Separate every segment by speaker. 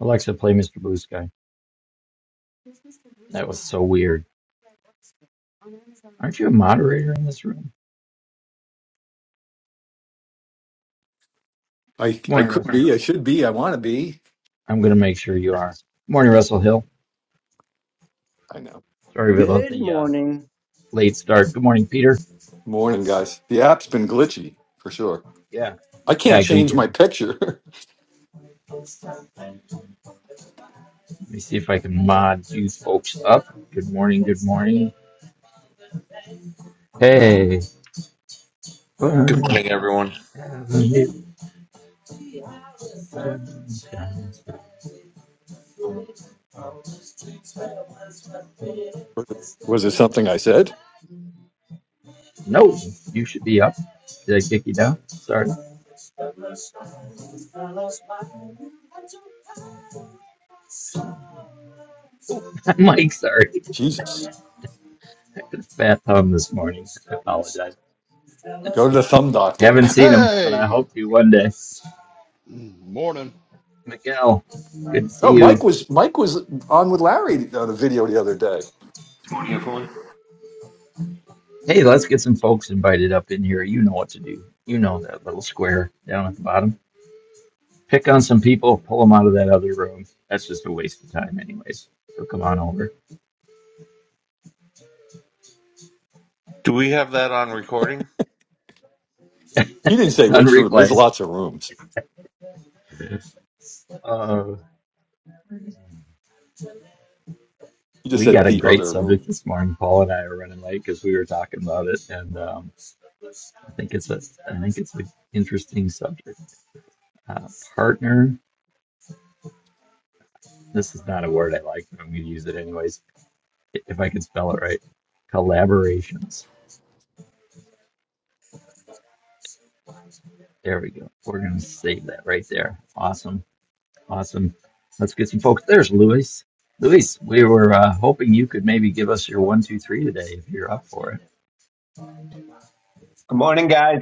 Speaker 1: Alexa, play Mr. Blue Sky. That was so weird. Aren't you a moderator in this room?
Speaker 2: I
Speaker 1: Good
Speaker 2: I
Speaker 1: morning,
Speaker 2: could
Speaker 1: Russell.
Speaker 2: be. I should be. I want to be.
Speaker 1: I'm going to make sure you are. Good morning, Russell Hill.
Speaker 2: I know.
Speaker 1: Sorry about
Speaker 3: Good
Speaker 1: the uh,
Speaker 3: morning
Speaker 1: late start. Good morning, Peter.
Speaker 2: Morning, guys. The app's been glitchy for sure.
Speaker 1: Yeah.
Speaker 2: I
Speaker 1: Yeah,
Speaker 2: can't
Speaker 1: I couldn't
Speaker 2: change
Speaker 1: get
Speaker 2: my
Speaker 1: in.
Speaker 2: picture.
Speaker 1: Let me see if I can mod you folks up. Good morning. Good morning. Hey.
Speaker 4: Good
Speaker 1: Burn
Speaker 4: morning, everyone.
Speaker 1: down.
Speaker 2: was it something I said?
Speaker 1: No, you should be up. Did I kick you down? Sorry. Mike, sorry.
Speaker 2: Jesus.
Speaker 1: I had a fat thumb this morning. I apologize.
Speaker 2: Go to the thumb doctor.
Speaker 1: Haven't seen him, but I
Speaker 5: Hey,
Speaker 1: hope to one day.
Speaker 5: morning.
Speaker 1: Miguel, good to see
Speaker 2: no,
Speaker 1: you.
Speaker 2: Mike was Mike was on with Larry on a video the other day.
Speaker 6: Good morning, everyone.
Speaker 1: Hey, let's get some folks invited up in here. You know what to do. You know that little square down at the bottom. Pick on some people, pull them out of that other room. That's just a waste of time, anyways. So come on over.
Speaker 4: Do we have that on recording?
Speaker 2: He didn't
Speaker 1: It's
Speaker 2: say
Speaker 1: on
Speaker 2: which room. There's
Speaker 1: replays.
Speaker 2: lots of rooms.
Speaker 1: Uh,
Speaker 2: He just
Speaker 1: we
Speaker 2: said
Speaker 1: got a
Speaker 2: the
Speaker 1: great
Speaker 2: other
Speaker 1: subject
Speaker 2: room.
Speaker 1: this morning. Paul and I are running late because we were talking about it, and um, I think it's a, I think it's an interesting subject. Uh, partner. This is not a word I like, but I'm going to use it anyways. If I can spell it right, collaborations There we go. We're gonna save that right there. Awesome, awesome. Let's get some folks. There's Luis. Luis, we were uh, hoping you could maybe give us your one, two, three today if you're up for it.
Speaker 7: Good morning, guys.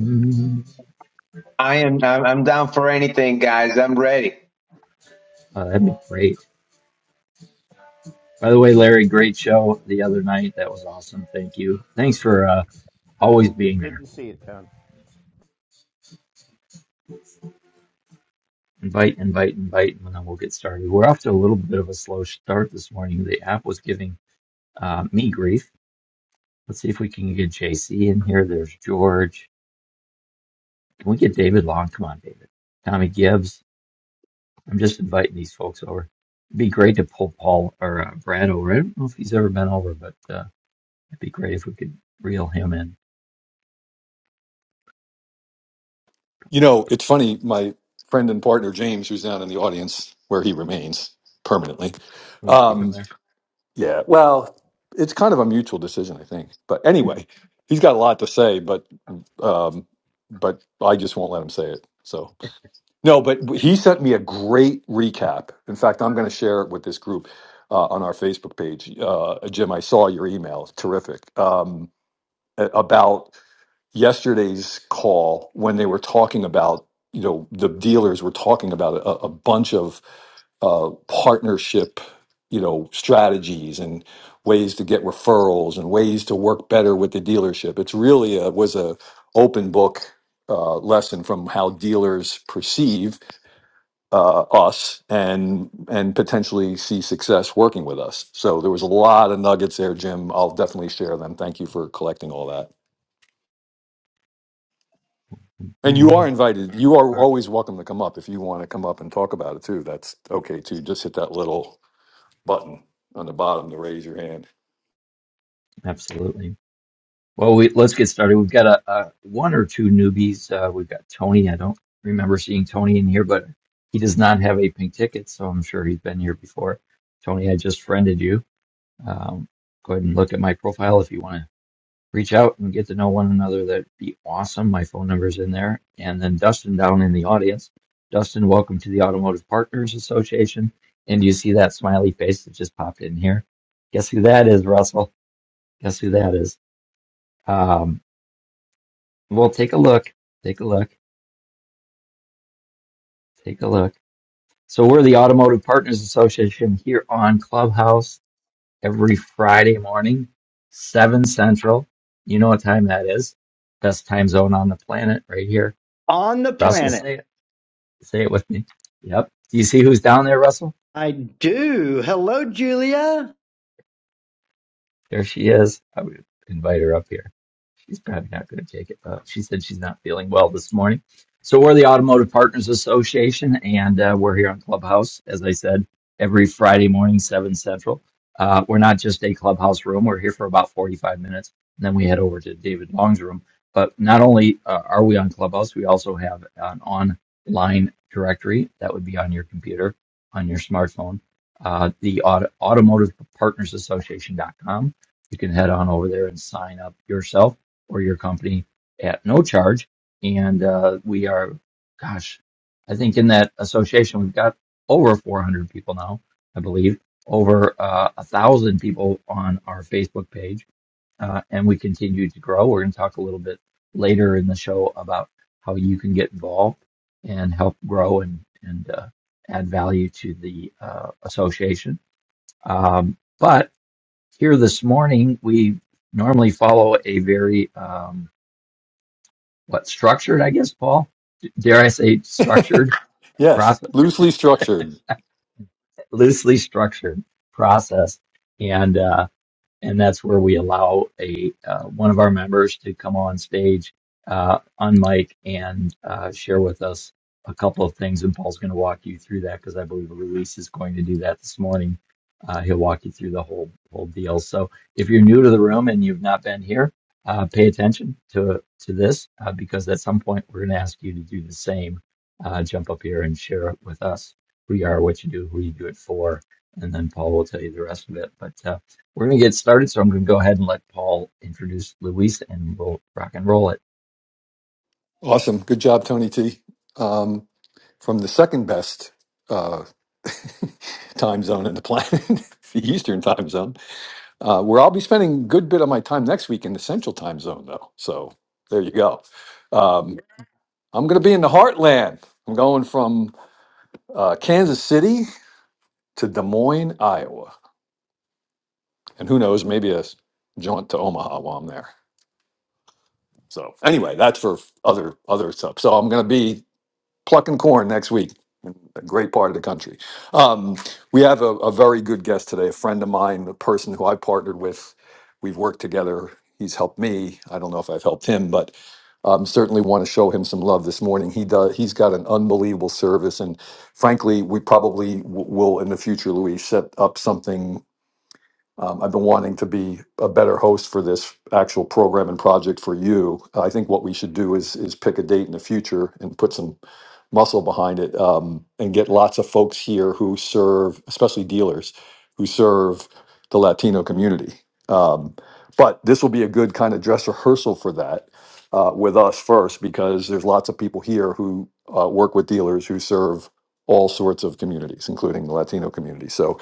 Speaker 1: Mhm.
Speaker 7: I am I'm, I'm down for anything, guys. I'm ready.
Speaker 1: Oh, that'd be great. By the way, Larry, great show the other night. That was awesome. Thank you. Thanks for uh, always being
Speaker 8: Good
Speaker 1: there.
Speaker 8: to see you, Tony.
Speaker 1: Invite, invite, invite, and then we'll get started. We're off to a little bit of a slow start this morning. The app was giving uh, me grief. Let's see if we can get JC in here. There's George. Can we get David Long? Come on, David. Tommy Gibbs. I'm just inviting these folks over. It'd be great to pull Paul or uh, Brad over. I don't know if he's ever been over, but uh, it'd be great if we could reel him in.
Speaker 2: You know, it's funny. My friend and partner James, who's down in the audience where he remains permanently,
Speaker 1: We can keep
Speaker 2: um,
Speaker 1: him there.
Speaker 2: Yeah. Well, it's kind of a mutual decision, I think. But anyway, he's got a lot to say, but um, but I just won't let him say it. So no, but he sent me a great recap. In fact, I'm going to share it with this group uh, on our Facebook page. Uh, Jim, I saw your email. Terrific um, a- about yesterday's call when they were talking about you know the dealers were talking about a, a bunch of uh, partnership, you know, strategies and ways to get referrals and ways to work better with the dealership. It's really a, was a open book uh, lesson from how dealers perceive uh, us and and potentially see success working with us. So there was a lot of nuggets there, Jim. I'll definitely share them. Thank you for collecting all that. And you are
Speaker 1: Boom.
Speaker 2: invited. You are
Speaker 1: All right.
Speaker 2: always welcome to come up if you want to come up and talk about it too. That's okay too. Just hit that little button on the bottom to raise your hand.
Speaker 1: Absolutely. Well, we, let's get started. We've got a, a one or two newbies. Uh, we've got Tony. I don't remember seeing Tony in here, but he does not have a pink ticket, so I'm sure he's been here before. Tony, I just friended you. Um, go ahead and look at my profile if you want to reach out and get to know one another. That'd be awesome. My phone number's in there. And then Dustin down in the audience. Dustin, welcome to the Automotive Partners Association. And do you see that smiley face that just popped in here? Guess who that is, Russell? Guess who that is? Um, well, take a look. Take a look. Take a look. So we're the Automotive Partners Association here on Clubhouse every Friday morning, 7 Central. You know what time that is. Best time zone on the planet right here.
Speaker 3: on the
Speaker 1: Russell,
Speaker 3: planet.
Speaker 1: say it. Say it with me. Yep. Do you see who's down there, Russell?
Speaker 3: I do. Hello, Julia.
Speaker 1: There she is. I would invite her up here. She's probably not going to take it, but she said she's not feeling well this morning. So we're the Automotive Partners Association, and uh, we're here on Clubhouse, as I said, every Friday morning, 7 Central. Uh, we're not just a clubhouse room. We're here for about 45 minutes, and then we head over to David Long's room. But not only uh, are we on Clubhouse, we also have an online directory that would be on your computer, on your smartphone, uh, the auto, automotive partners association dot com you can head on over there and sign up yourself or your company at no charge. And uh, we are, gosh, I think in that association we've got over 400 people now, I believe, over uh, a thousand people on our Facebook page, uh, and we continue to grow. We're going to talk a little bit later in the show about how you can get involved and help grow and and uh, add value to the uh, association. Um, but here this morning, we normally follow a very, um, what, structured, I guess, Paul? Dare I say structured
Speaker 2: yes,
Speaker 1: process,
Speaker 2: loosely structured.
Speaker 1: loosely structured process. And, uh, and that's where we allow a uh, one of our members to come on stage uh, on mic and uh, share with us a couple of things. And Paul's going to walk you through that because I believe Luis is going to do that this morning. Uh, he'll walk you through the whole whole deal. So if you're new to the room and you've not been here, uh, pay attention to to this uh, because at some point we're going to ask you to do the same. Uh, jump up here and share with us who you are, what you do, who you do it for, and then Paul will tell you the rest of it. But uh, we're going to get started, so I'm going to go ahead and let Paul introduce Luis and we'll rock and roll it.
Speaker 2: Awesome. Good job, Tony T. Um, from the second best uh, time zone in the planet, the Eastern time zone, uh, where I'll be spending a good bit of my time next week in the Central time zone, though. So there you go. Um, I'm going to be in the heartland. I'm going from uh, Kansas City to Des Moines, Iowa. And who knows, maybe a jaunt to Omaha while I'm there. So anyway, that's for other other stuff. So I'm going to be plucking corn next week in a great part of the country. Um, we have a, a very good guest today, a friend of mine, a person who I partnered with. We've worked together. He's helped me. I don't know if I've helped him, but um, certainly want to show him some love this morning. He does. He's got an unbelievable service, and frankly, we probably w- will in the future, Louis, set up something um, I've been wanting to be a better host for this actual program and project for you. Uh, I think what we should do is is pick a date in the future and put some muscle behind it um, and get lots of folks here who serve, especially dealers, who serve the Latino community. Um, but this will be a good kind of dress rehearsal for that uh, with us first, because there's lots of people here who uh, work with dealers who serve all sorts of communities, including the Latino community. So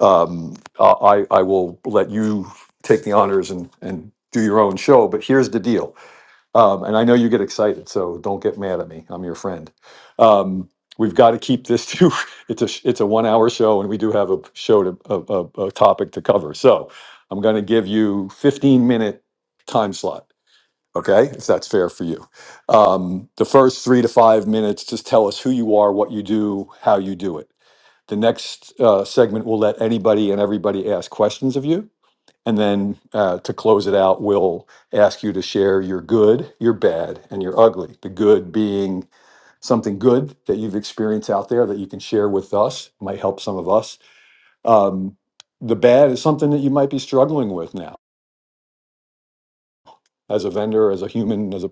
Speaker 2: um, I, I will let you take the honors and, and do your own show. But here's the deal. Um, and I know you get excited, so don't get mad at me. I'm your friend. Um, we've got to keep this to it's a sh- it's a one hour show, and we do have a show to a, a, a topic to cover. So I'm going to give you 15 minute time slot. Okay, if that's fair for you. Um, the first three to five minutes, just tell us who you are, what you do, how you do it the next uh, segment will let anybody and everybody ask questions of you. And then uh, to close it out, we'll ask you to share your good, your bad, and your ugly. The good being something good that you've experienced out there that you can share with us, might help some of us. Um, the bad is something that you might be struggling with now as a vendor, as a human, as a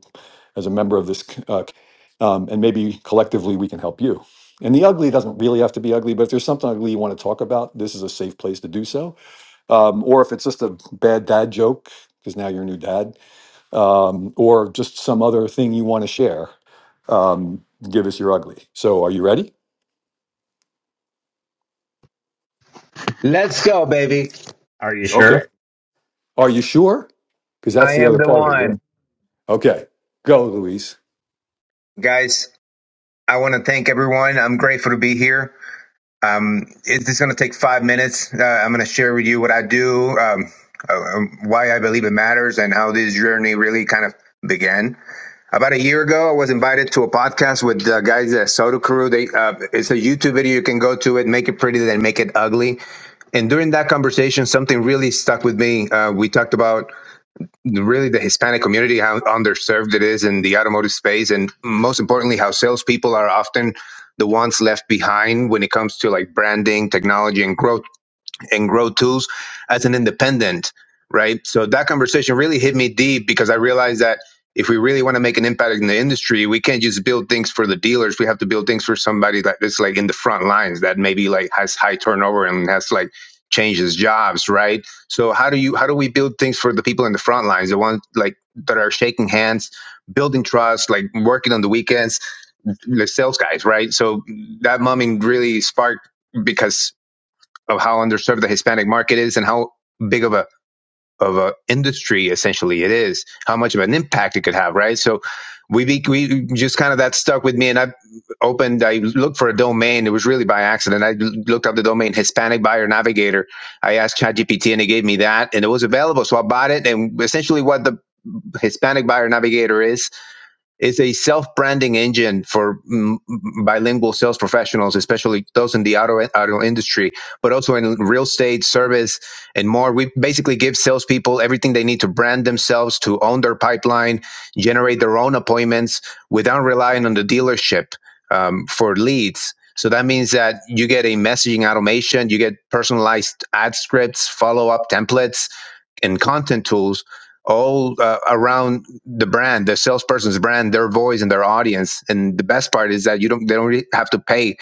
Speaker 2: as a member of this, c- uh, c- um, and maybe collectively we can help you. And the ugly doesn't really have to be ugly, but if there's something ugly you want to talk about, this is a safe place to do so um, or if it's just a bad dad joke because now you're a new dad, um, or just some other thing you want to share. Um, give us your ugly. So, are you ready?
Speaker 7: Let's go, baby.
Speaker 1: Are you
Speaker 2: Okay.
Speaker 1: sure?
Speaker 2: Are you sure? Because that's
Speaker 7: I
Speaker 2: the
Speaker 7: am
Speaker 2: other
Speaker 7: the
Speaker 2: part of it. Right?
Speaker 7: one,
Speaker 2: Okay. Go, Louise.
Speaker 7: guys. I want to thank everyone. I'm grateful to be here. Um, it- it's going to take five minutes. Uh, I'm going to share with you what I do, um, uh, um, why I believe it matters, and how this journey really kind of began. About a year ago, I was invited to a podcast with the guys at Soda Crew. They uh, it's a YouTube video you can go to it, make it pretty, then make it ugly and during that conversation, something really stuck with me. Uh, we talked about really the Hispanic community, how underserved it is in the automotive space, and most importantly, how salespeople are often the ones left behind when it comes to like branding, technology, and growth and grow tools as an independent, right? So that conversation really hit me deep because I realized that if we really want to make an impact in the industry, we can't just build things for the dealers. We have to build things for somebody like that's like in the front lines that maybe like has high turnover and has like changed his jobs, right? So how do you how do we build things for the people in the front lines, the ones like that are shaking hands, building trust, like working on the weekends, the sales guys, right? So that mumming really sparked because of how underserved the Hispanic market is and how big of a of a industry essentially it is, how much of an impact it could have, right? So we be, we just kind of that stuck with me, and I opened. I looked for a domain. It was really by accident. I looked up the domain Hispanic Buyer Navigator. I asked ChatGPT, and it gave me that, and it was available. So I bought it, and essentially what the Hispanic Buyer Navigator is is a self-branding engine for mm, bilingual sales professionals, especially those in the auto auto industry, but also in real estate, service, and more. We basically give salespeople everything they need to brand themselves, to own their pipeline, generate their own appointments without relying on the dealership um, for leads. So that means that you get a messaging automation, you get personalized ad scripts, follow-up templates, and content tools all uh, around the brand, the salesperson's brand, their voice, and their audience. And the best part is that you don't they don't really have to pay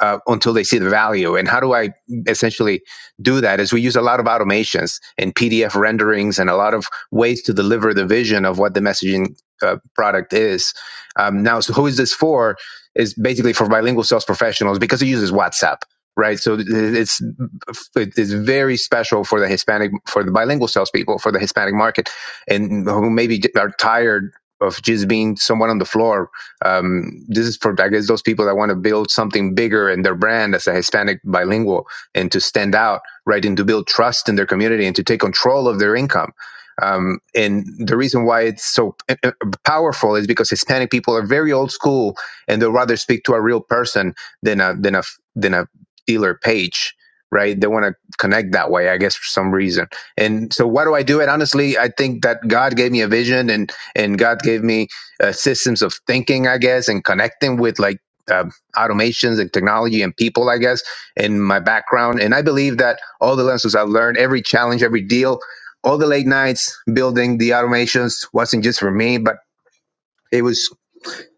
Speaker 7: uh, until they see the value. And how do I essentially do that? Is we use a lot of automations and PDF renderings and a lot of ways to deliver the vision of what the messaging uh, product is. Um, now, so who is this for? Is basically for bilingual sales professionals because it uses WhatsApp. Right, so uh, it's it is very special for the Hispanic, for the bilingual salespeople, for the Hispanic market, and who maybe are tired of just being someone on the floor. Um, this is for, I guess, those people that want to build something bigger in their brand as a Hispanic bilingual and to stand out, right? And to build trust in their community and to take control of their income. Um, and the reason why it's so uh, uh, powerful is because Hispanic people are very old school and they'll rather speak to a real person than a, than a, than a dealer page right? They want to connect that way, I guess, for some reason. And so, why do I do it? Honestly, I think that God gave me a vision, and and God gave me uh, systems of thinking, I guess, and connecting with like um automations and technology and people, I guess, in my background. And I believe that all the lessons I've learned, every challenge, every deal, all the late nights building the automations wasn't just for me, but it was.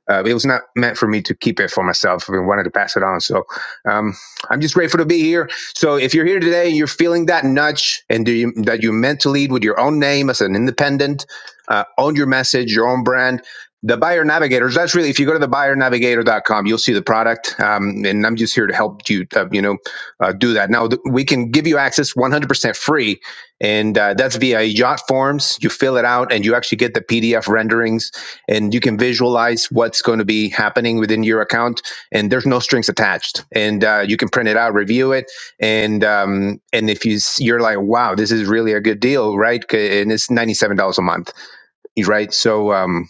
Speaker 7: Uh, it was not meant for me to keep it for myself. I wanted to pass it on. So um, I'm just grateful to be here. So if you're here today and you're feeling that nudge and do you, that you're meant to lead with your own name as an independent, uh, own your message, your own brand, the buyer navigators, that's really, if you go to the Buyer Navigator dot com, you'll see the product. Um, and I'm just here to help you, uh, you know, uh, do that. Now, th- we can give you access 100% free, and uh, that's via Yacht Forms. You fill it out and you actually get the PDF renderings and you can visualize what's going to be happening within your account and there's no strings attached and uh, you can print it out review it and um, and if you you're like wow this is really a good deal right? and it's $97 a month right so um,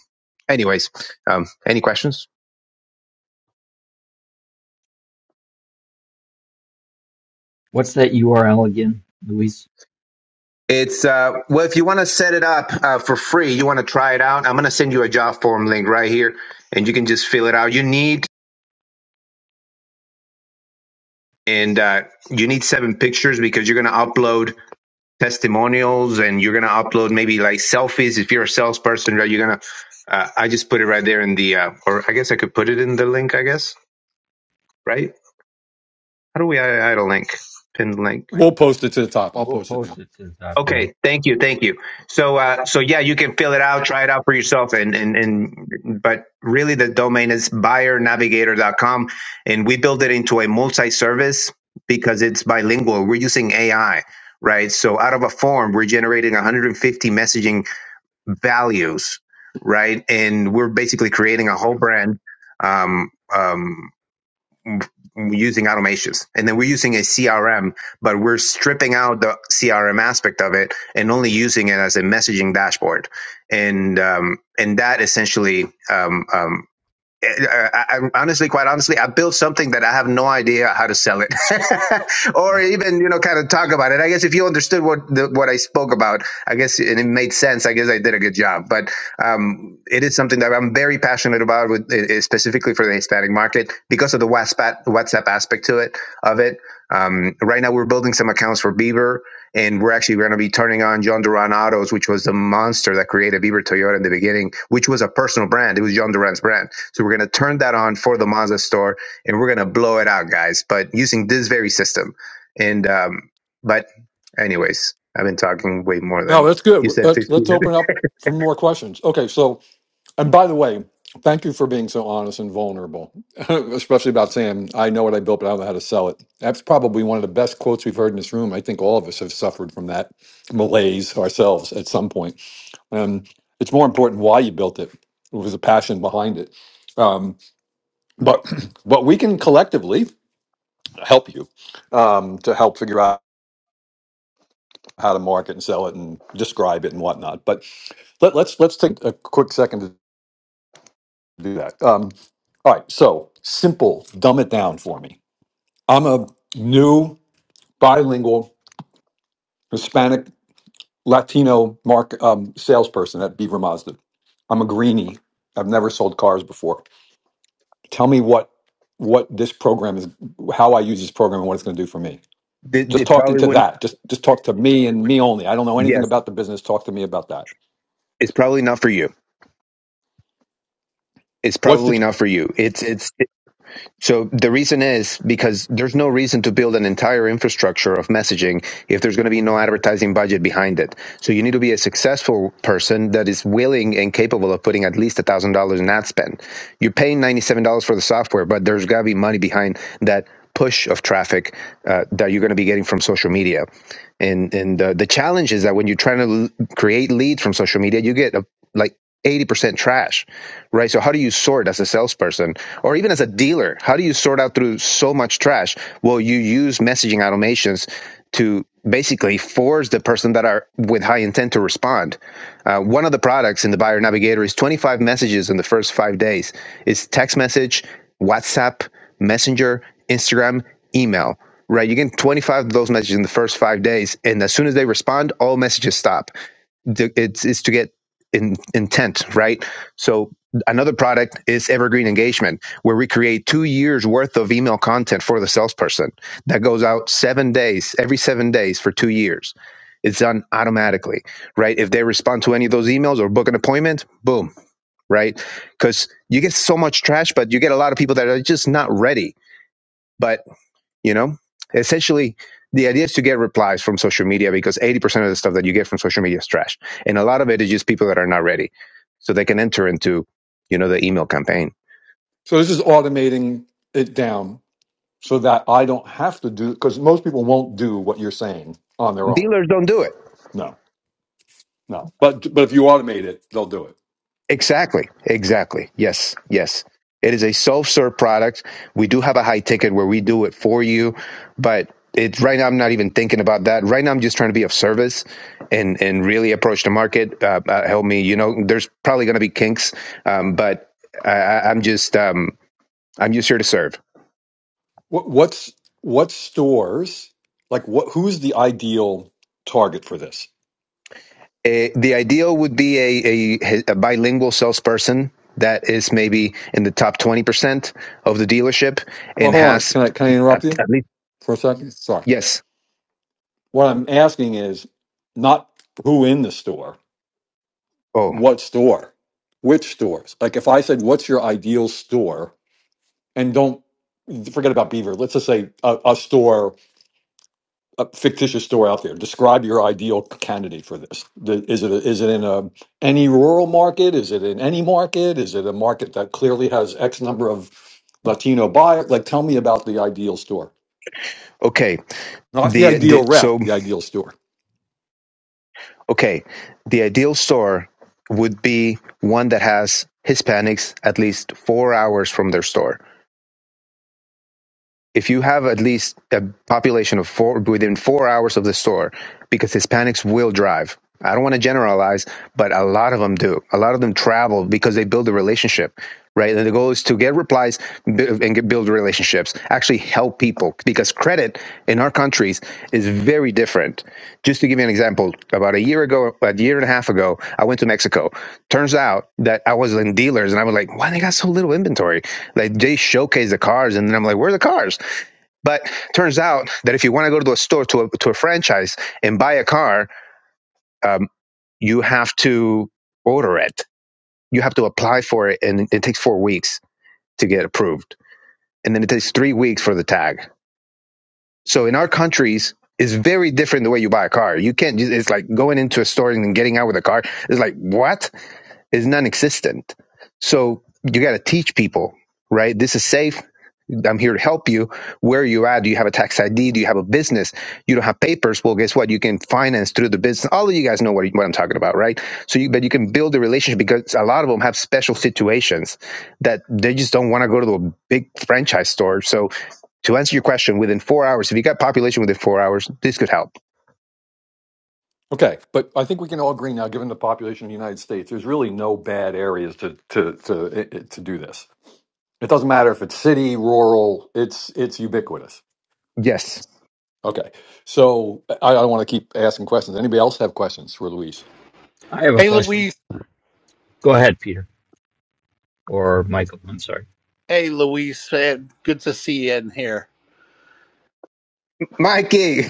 Speaker 7: anyways um, any questions
Speaker 1: What's that URL again, Luis?
Speaker 7: it's uh, well if you want to set it up uh, for free you want to try it out i'm going to send you a job form link right here and you can just fill it out you need and uh, you need seven pictures because you're going to upload testimonials and you're going to upload maybe like selfies if you're a salesperson right you're going to uh, i just put it right there in the uh, or i guess i could put it in the link i guess right how do we add a link Pin link
Speaker 2: We'll post it to the top. I'll
Speaker 1: We'll
Speaker 2: post it
Speaker 1: post
Speaker 2: now.
Speaker 1: it to the top, yeah.
Speaker 7: okay thank you thank you so uh, so yeah you can fill it out try it out for yourself and and, and but really the domain is buyernavigator.com and we build it into a multi-service because it's bilingual we're using ai right so out of a form we're generating 150 messaging values, right? And we're basically creating a whole brand um, um, using automations. And then we're using a CRM, but we're stripping out the CRM aspect of it and only using it as a messaging dashboard. And um, and that essentially um, um, I, I, honestly, quite honestly, I built something that I have no idea how to sell it, or even you know, kind of talk about it. I guess if you understood what the, what I spoke about, I guess and it made sense. I guess I did a good job. But um, it is something that I'm very passionate about, with eh, eh, specifically for the Hispanic market because of the WhatsApp WhatsApp aspect to it of it. Um, right now, we're building some accounts for Beaver. And we're actually going to be turning on John Duran Autos, which was the monster that created Beaver Toyota in the beginning, which was a personal brand. It was John Duran's brand so we're going to turn that on for the Mazda store and we're going to blow it out, guys, but using this very system. And, um, but anyways, I've been talking way more
Speaker 2: No,
Speaker 7: than
Speaker 2: that's
Speaker 7: you
Speaker 2: good.
Speaker 7: said
Speaker 2: Let's,
Speaker 7: 15
Speaker 2: let's open
Speaker 7: minutes.
Speaker 2: up for more questions. Okay. So, And by the way, thank you for being so honest and vulnerable, especially about saying, I know what I built, but I don't know how to sell it. That's probably one of the best quotes we've heard in this room. I think all of us have suffered from that malaise ourselves at some point. And it's more important why you built it. It was a passion behind it. Um, but but we can collectively help you um, to help figure out how to market and sell it and describe it and whatnot. But let, let's let's take a quick second do that. Um, all right, so simple, dumb it down for me. I'm a new bilingual Hispanic Latino mark um, salesperson at Beaver Mazda. I'm a greenie. I've never sold cars before. Tell me what what this program is, how I use this program, and what it's going to do for me.
Speaker 7: It,
Speaker 2: Just
Speaker 7: it
Speaker 2: talking
Speaker 7: probably
Speaker 2: to
Speaker 7: wouldn't.
Speaker 2: that. Just just talk to me and me only. I don't know anything
Speaker 7: Yes.
Speaker 2: about the business. Talk to me about that.
Speaker 7: It's probably not for you. It's
Speaker 2: What's
Speaker 7: probably
Speaker 2: the
Speaker 7: not for you. It's, it's, So the reason is because there's no reason to build an entire infrastructure of messaging if there's going to be no advertising budget behind it. So you need to be a successful person that is willing and capable of putting at least $1,000 in ad spend. You're paying $97 for the software, but there's got to be money behind that push of traffic uh, that you're going to be getting from social media. And and uh, the challenge is that when you're trying to l- create leads from social media, you get a, like 80% trash, right? So how do you sort as a salesperson or even as a dealer? How do you sort out through so much trash? Well, you use messaging automations to basically force the person that are with high intent to respond. Uh, one of the products in the buyer navigator is 25 messages in the first five days. It's text message, WhatsApp, Messenger, Instagram, email, right? You get 25 of those messages in the first five days. And as soon as they respond, all messages stop it's, it's to get in, intent, right? So another product is evergreen engagement, where we create two years worth of email content for the salesperson that goes out seven days, every seven days for two years. It's done automatically, right? If they respond to any of those emails or book an appointment, boom, right? Because you get so much trash, but you get a lot of people that are just not ready. But you know essentially the idea is to get replies from social media because 80% of the stuff that you get from social media is trash and a lot of it is just people that are not ready so they can enter into you know the email campaign
Speaker 2: so this is automating it down so that I don't have to do because most people won't do what you're saying on their own.
Speaker 7: dealers don't do it
Speaker 2: No, no. But but if you automate it, they'll do it.
Speaker 7: Exactly. Exactly. Yes. Yes. It is a self-serve product. We do have a high ticket where we do it for you, but it right now I'm not even thinking about that. Right now I'm just trying to be of service and and really approach the market. Uh, uh, help me. You know, there's probably going to be kinks, um, but I, I- I'm just um, I'm just here to serve.
Speaker 2: What what's what stores like what who's the ideal target for this?
Speaker 7: Eh, the ideal would be a, a a bilingual salesperson that is maybe in the top twenty percent of the dealership
Speaker 2: Well,
Speaker 7: and
Speaker 2: hold on.
Speaker 7: has
Speaker 2: Can I can I interrupt
Speaker 7: at,
Speaker 2: you
Speaker 7: at least
Speaker 2: for a second? Sorry.
Speaker 7: yes
Speaker 2: What I'm asking is not who in the store.
Speaker 7: Oh,
Speaker 2: what store which stores like if i said what's your ideal store and don't forget about beaver let's just say a, a store a fictitious store out there describe your ideal candidate for this the, is it is it in a any rural market is it in any market is it a market that clearly has x number of latino buyers like tell me about the ideal store
Speaker 7: okay.
Speaker 2: not the
Speaker 7: The,
Speaker 2: ideal
Speaker 7: the so
Speaker 2: rep the ideal store
Speaker 7: okay, the ideal store would be one that has Hispanics at least four hours from their store. if you have at least a population of four within four hours of the store, because Hispanics will drive. I don't want to generalize, but a lot of them do. A lot of them travel because they build a relationship, right? And the goal is to get replies bu- and get, build relationships, actually help people because credit in our countries is very different. Just to give you an example, about a year ago, a year and a half ago, I went to Mexico. Turns out that I was in dealers and I was like, why they got so little inventory? Like they showcase the cars and then I'm like, where are the cars? But turns out that if you want to go to a store to a, to a franchise and buy a car, um, you have to order it. You have to apply for it, and it takes four weeks to get approved, and then it takes three weeks for the tag. So in our countries, it's very different the way you buy a car. You can't. It's like going into a store and then getting out with a car. It's like what? is non-existent. So you got to teach people, right? This is safe. I'm here to help you. Where are you at? Do you have a tax ID? Do you have a business? You don't have papers. Well, guess what? You can finance through the business. All of you guys know what, what I'm talking about, right? So, you, but you can build a relationship because a lot of them have special situations that they just don't want to go to the big franchise store. So, to answer your question, within four hours, if you got population within four hours, this could help.
Speaker 2: Okay, but I think we can all agree now, given the population of the United States, there's really no bad areas to to to i- i- to do this. It doesn't matter if it's city, rural, it's it's ubiquitous.
Speaker 7: Yes.
Speaker 2: Okay, so I, I don't want to keep asking questions. Anybody else have questions for Luis?
Speaker 1: I have a
Speaker 5: Hey
Speaker 1: question.
Speaker 5: Luis.
Speaker 1: Go ahead, Peter or Michael. I'm sorry.
Speaker 5: Hey Luis. Uh, Good to see you in here.
Speaker 7: Mikey.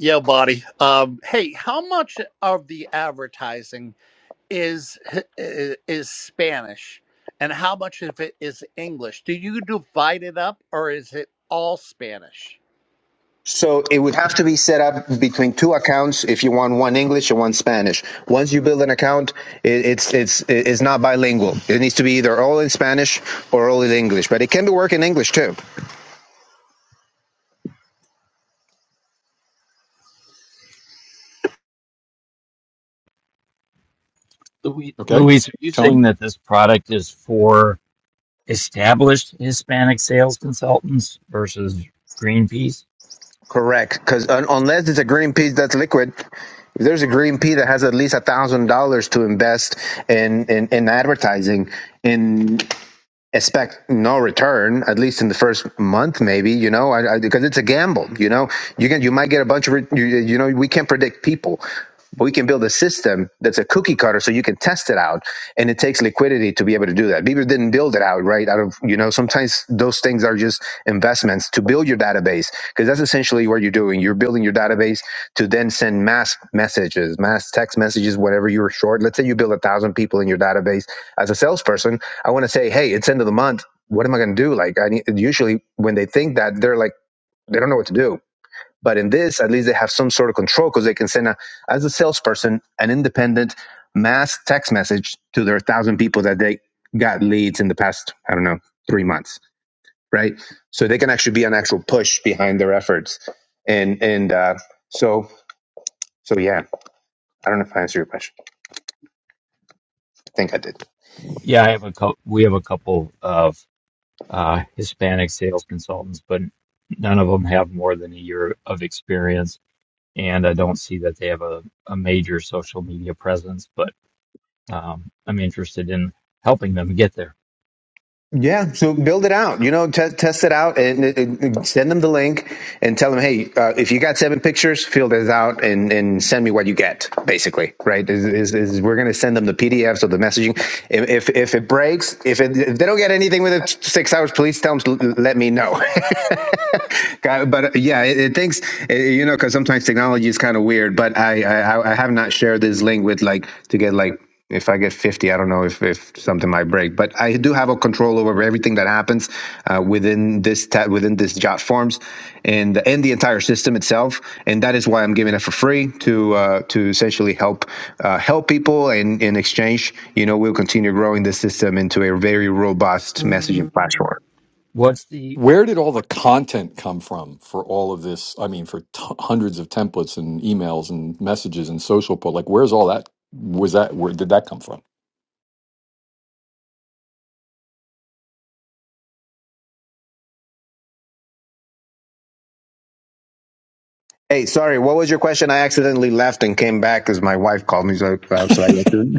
Speaker 5: Yeah, buddy. Um, hey, how much of the advertising is i- is Spanish, and how much of it is English? Do you divide it up, or is it all Spanish?
Speaker 7: so it would have to be set up between two accounts if you want one English and one Spanish. Once you build an account, it, it's it's it's not bilingual. It needs to be either all in Spanish or all in English, but it can be work in English too.
Speaker 1: Luis.
Speaker 2: Okay,
Speaker 1: Luis, are you saying
Speaker 2: Tony,
Speaker 1: that this product is for established Hispanic sales consultants versus Greenpeace?
Speaker 7: Correct, because un- unless it's a green pea that's liquid, if there's a green pea that has at least a thousand dollars to invest in, in in advertising, in. expect no return at least in the first month maybe you know I, I, because it's a gamble you know you can you might get a bunch of re- you, you know we can't predict people but we can build a system that's a cookie cutter so you can test it out and it takes liquidity to be able to do that Beaver didn't build it out right out of you know sometimes those things are just investments to build your database because that's essentially what you're doing you're building your database to then send mass messages mass text messages whatever you're short let's say you build a thousand people in your database as a salesperson, I want to say, hey, it's end of the month. What am I going to do? Like, I need, usually when they think that, they're like, they don't know what to do. But in this, at least they have some sort of control because they can send, a, as a salesperson, an independent mass text message to their thousand people that they got leads in the past, I don't know, three months, right? So they can actually be an actual push behind their efforts. And and uh, so so yeah, I don't know if I answered your question. I think I did.
Speaker 1: Yeah, I have a couple. We have a couple of uh, Hispanic sales consultants, but none of them have more than a year of experience and I don't see that they have a, a major social media presence, but um, I'm interested in helping them get there.
Speaker 7: Yeah, so build it out. You know, test test it out and, and- send them the link and tell them, hey, uh, if you got seven pictures, fill this out and, and send me what you get. Basically, right? Is, is, is we're going to send them the PDFs of the messaging. If if, if it breaks, if, it, if they don't get anything within six hours, please tell them. to Let me know. but uh, yeah, it, it thinks uh, you know because sometimes technology is kind of weird. But I I I have not shared this link with like to get like if I get 50, I don't know if, if something might break, but I do have a control over everything that happens uh, within this ta- within this jot forms and and the entire system itself. And that is why I'm giving it for free to uh, to essentially help uh, help people. And in exchange, you know, we'll continue growing the system into a very robust messaging platform.
Speaker 1: What's the
Speaker 2: where did all the content come from for all of this? I mean, for t- hundreds of templates and emails and messages and social posts, like where's all that? Was that where did that come from?
Speaker 7: Hey, sorry, what was your question? I accidentally left and came back because my wife called me. So, uh, so I accidentally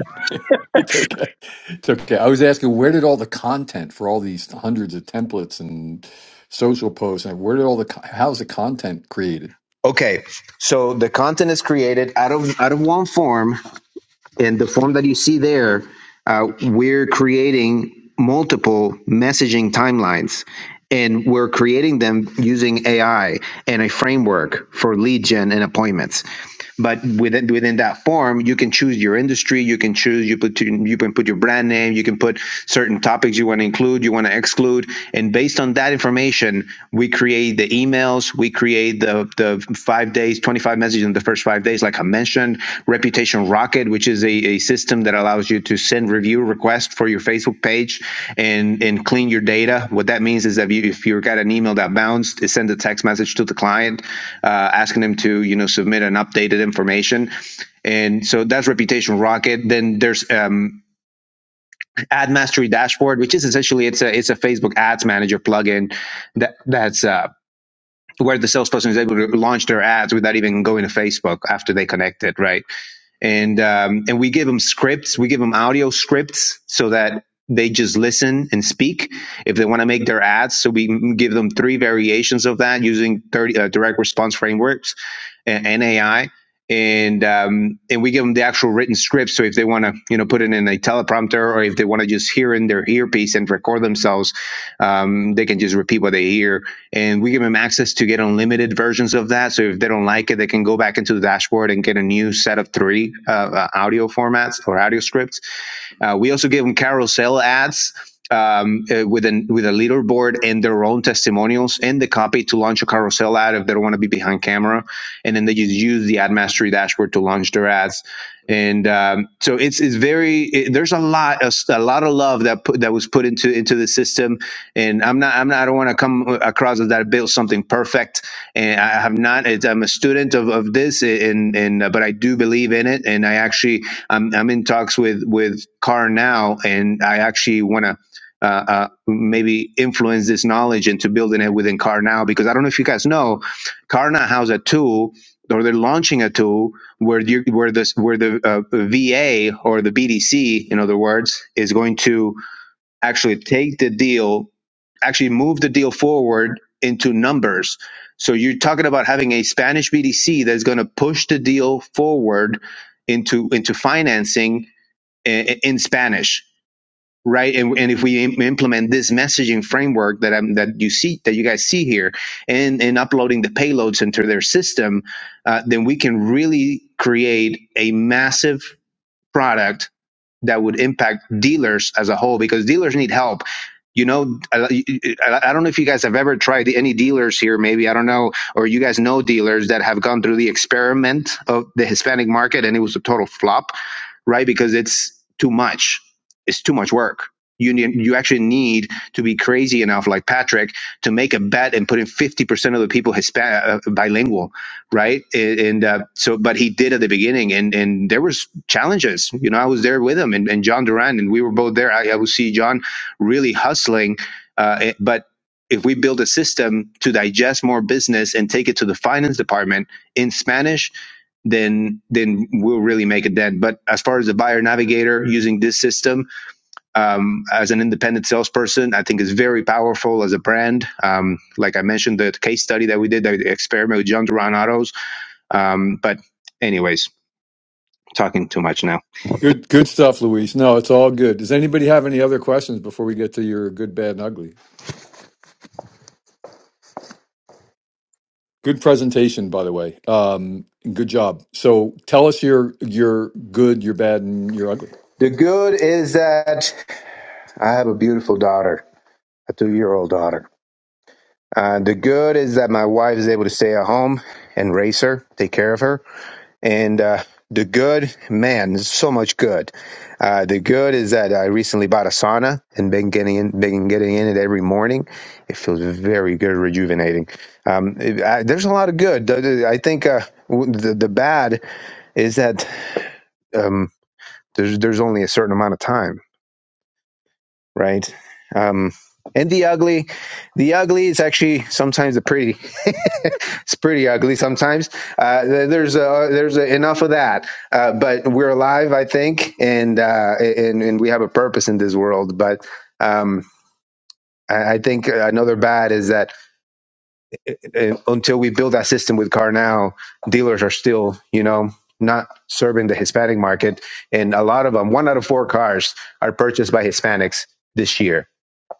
Speaker 2: It's okay. It's okay. I was asking where did all the content for all these hundreds of templates and social posts and where did all the co- how's the content created?
Speaker 7: Okay, so the content is created out of out of one form and the form that you see there, uh, we're creating multiple messaging timelines and we're creating them using AI and a framework for lead gen and appointments. But within within that form, you can choose your industry. You can choose you put you can put your brand name. You can put certain topics you want to include, you want to exclude, and based on that information, we create the emails we create the the five days 25 messages in the first five days like i mentioned reputation rocket which is a, a system that allows you to send review requests for your facebook page and and clean your data what that means is that you, if you've got an email that bounced it sends a text message to the client uh, asking them to you know submit an updated information and so that's reputation rocket then there's um, ad mastery dashboard which is essentially it's a it's a facebook ads manager plugin that that's uh, where the salesperson is able to launch their ads without even going to Facebook after they connect it, right? And um, and we give them scripts, we give them audio scripts so that they just listen and speak if they want to make their ads. So we give them three variations of that using 30 uh, direct response frameworks and, and AI. And um, and we give them the actual written script. So if they want to, you know, put it in a teleprompter, or if they want to just hear in their earpiece and record themselves, um, they can just repeat what they hear and we give them access to get unlimited versions of that. So if they don't like it, they can go back into the dashboard and get a new set of three uh, uh, audio formats or audio scripts. Uh, we also give them carousel ads um, uh, with an with a leaderboard and their own testimonials and the copy to launch a carousel ad if they don't want to be behind camera, and then they just use the Ad Mastery dashboard to launch their ads. And um, so it's it's very it, there's a lot of, a lot of love that put, that was put into into the system and I'm not I'm not I don't want to come across as that I built something perfect and I have not it's, I'm a student of, of this and and uh, but I do believe in it and I actually I'm I'm in talks with with Carr now and I actually want to uh, uh, maybe influence this knowledge into building it within Car now because I don't know if you guys know, Car now has a tool or they're launching a tool where you where this where the uh, VA or the BDC in other words is going to actually take the deal actually move the deal forward into numbers. So you're talking about having a Spanish BDC that's going to push the deal forward into into financing in, in Spanish, right? And, and if we im- implement this messaging framework that I'm that you see that you guys see here, and and uploading the payloads into their system, uh, then we can really create a massive product that would impact dealers as a whole because dealers need help. You know, I, I don't know if you guys have ever tried any dealers here, maybe, I don't know, or you guys know dealers that have gone through the experiment of the Hispanic market and it was a total flop right? Because it's too much. It's too much work. You need, you actually need to be crazy enough, like Patrick, to make a bet and put in fifty percent of the people Hispan- uh, bilingual, right? And, and uh, so, but he did at the beginning, and and there was challenges. You know, I was there with him and, and John Duran, and we were both there. I, I would see John really hustling, uh, eh, but if we build a system to digest more business and take it to the finance department in Spanish then then we'll really make a dent. But as far as the buyer navigator using this system um, as an independent salesperson, I think is very powerful as a brand. Um, like I mentioned, the case study that we did, the experiment with John Duran Autos. Um, but anyways, talking too much now.
Speaker 2: Good good stuff, Luis. No, it's all good. Does anybody have any other questions before we get to your good, bad, and ugly? Good presentation, by the way. Um, good job. So tell us your your good, your bad, and your ugly.
Speaker 7: The good is that I have a beautiful daughter, a two year old daughter. Uh, the good is that my wife is able to stay at home and raise her, take care of her. And uh, the good, man, there's so much good. Uh, the good is that I recently bought a sauna and been getting in, been getting in it every morning. It feels very good, rejuvenating. Um, it, I, there's a lot of good. The- the- I think uh, w- the the bad is that um, there's there's only a certain amount of time right? Um, and the ugly, the ugly is actually sometimes the pretty. it's pretty ugly sometimes. Uh, there's uh there's uh enough of that. Uh, but we're alive, I think, and uh, and and we have a purpose in this world. But um, I I think another bad is that uh, uh, until we build that system with Carnow, dealers are still, you know, not serving the Hispanic market, and a lot of them, one out of four cars, are purchased by Hispanics this year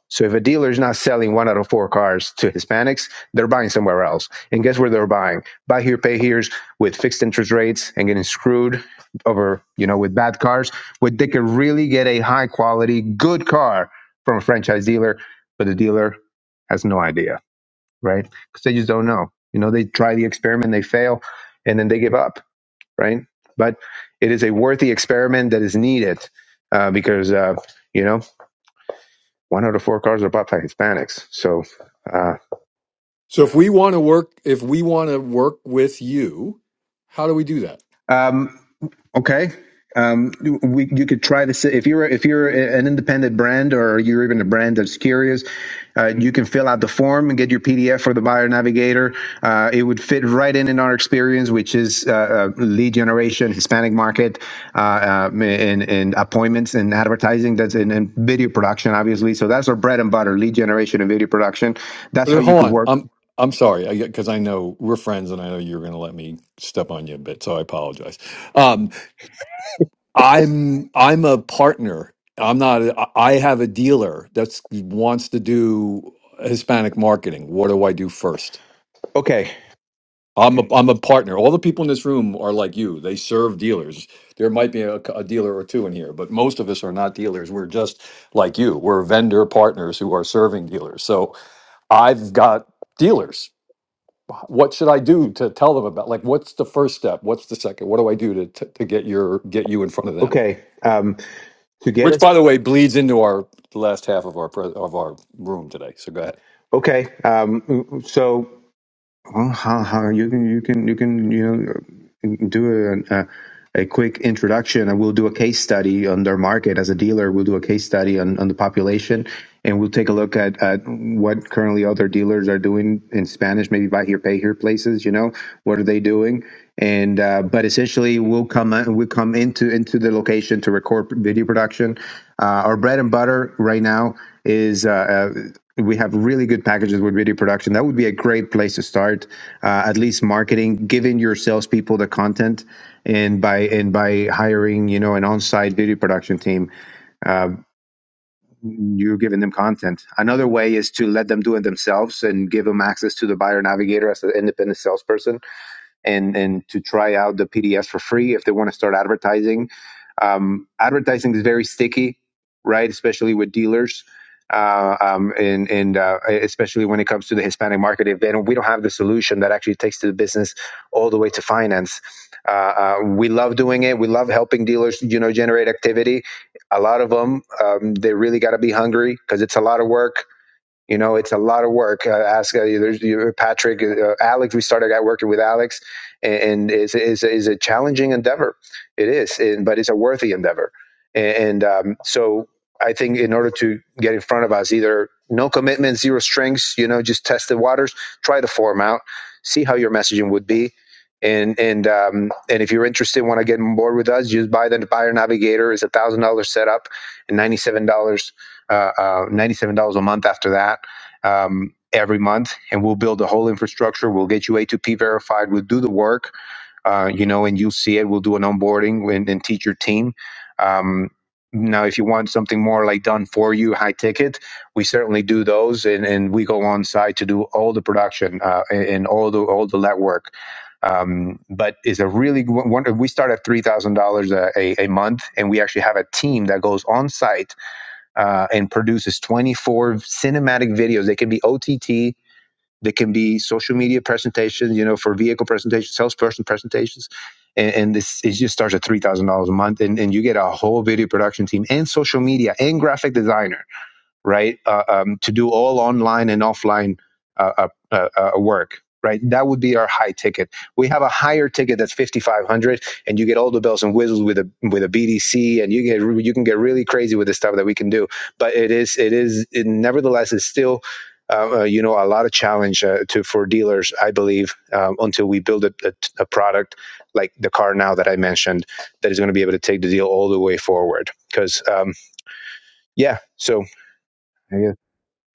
Speaker 7: so if a dealer is not selling one out of four cars to Hispanics, they're buying somewhere else. And guess where they're buying? Buy here, pay here's with fixed interest rates and getting screwed over, you know, with bad cars, where they can really get a high quality, good car from a franchise dealer, but the dealer has no idea, right? Because they just don't know. You know, they try the experiment, they fail, and then they give up, right? But it is a worthy experiment that is needed uh, because, uh, you know. One out of four cars are bought by Hispanics. So, uh,
Speaker 2: So if we want to work, if we want to work with you, how do we do that?
Speaker 7: um, okay. Um, we, you could try this if you're if you're an independent brand or you're even a brand that's curious. Uh, you can fill out the form and get your PDF for the buyer navigator. Uh, it would fit right in in our experience, which is uh, uh, lead generation, Hispanic market, uh, uh, and, and appointments and advertising. That's in, in video production, obviously. So that's our bread and butter: lead generation and video production. That's
Speaker 2: But uh,
Speaker 7: how you
Speaker 2: Hold
Speaker 7: could
Speaker 2: on.
Speaker 7: work.
Speaker 2: I'm I'm sorry because I know we're friends, and I know you're going to let me step on you a bit, so I apologize. Um, I'm I'm a partner. I'm not. a- I I have a dealer that wants to do Hispanic marketing. What do I do first?
Speaker 7: Okay,
Speaker 2: I'm a, I'm a partner. All the people in this room are like you. They serve dealers. There might be a, a dealer or two in here, but most of us are not dealers. We're just like you. We're vendor partners who are serving dealers. So I've got dealers what should I do to tell them about? Like, what's the first step? What's the second? What do I do to to, to get your get you in front of them?
Speaker 7: okay. Um, to get
Speaker 2: Which,
Speaker 7: us
Speaker 2: by the way, bleeds into our the last half of our pre- of our room today. So go ahead.
Speaker 7: okay um so well, how, how you can you can you can you know do a, a a quick introduction and we'll do a case study on their market as a dealer we'll do a case study on, on the population and we'll take a look at, at what currently other dealers are doing in spanish maybe buy here pay here places you know what are they doing and uh, but essentially we'll come we will come into into the location to record video production Uh, our bread and butter right now is uh, uh, we have really good packages with video production. That would be a great place to start, uh, at least marketing, giving your salespeople the content, and by and by hiring you know an on-site video production team, you're giving them content. Another way is to let them do it themselves and give them access to the buyer navigator as an independent salesperson and and to try out the PDFs for free if they want to start advertising. Um, advertising is very sticky, right? Especially with dealers, uh, um, and and uh, especially when it comes to the Hispanic market. If they don't, we don't have the solution that actually takes to the business all the way to finance. Uh, uh, we love doing it. We love helping dealers, you know, generate activity. A lot of them, um, they really got to be hungry because it's a lot of work you know, it's a lot of work. Uh, ask uh, there's, you, Patrick, uh, uh, Alex. We started out working with Alex, and, and it's, it's, it's a challenging endeavor. It is, and, but it's a worthy endeavor. And, and um, so I think in order to get in front of us, either no commitment, zero strings, you know, just test the waters, try the form out, see how your messaging would be. And and um, and if you're interested, want to get on board with us, just buy the buyer navigator. It's a one thousand dollar setup and ninety seven dollars uh, uh, $97 a month after that um, every month and we'll build the whole infrastructure we'll get you a2p verified we'll do the work uh, you know and you'll see it we'll do an onboarding and, and teach your team um, now if you want something more like done for you high ticket we certainly do those and, and we go on site to do all the production uh, and all the all the legwork um, but it's a really wonder we start at $3000 a a month and we actually have a team that goes on site uh, and produces 24 cinematic videos. They can be OTT, they can be social media presentations, you know, for vehicle presentations, salesperson presentations. And, and this it just starts at $3,000 a month. And, and you get a whole video production team and social media and graphic designer right? Uh, um, to do all online and offline uh, uh, uh, uh, work, right? That would be our high ticket. We have a higher ticket that's fifty five hundred, and you get all the bells and whistles with a with a BDC, and you get you can get really crazy with the stuff that we can do. But it is it is it, nevertheless it's still. Uh, uh, you know, a lot of challenge uh, to for dealers, I believe, um, until we build a, a, a product like the car now that I mentioned that is going to be able to take the deal all the way forward. Because, um, yeah, so I guess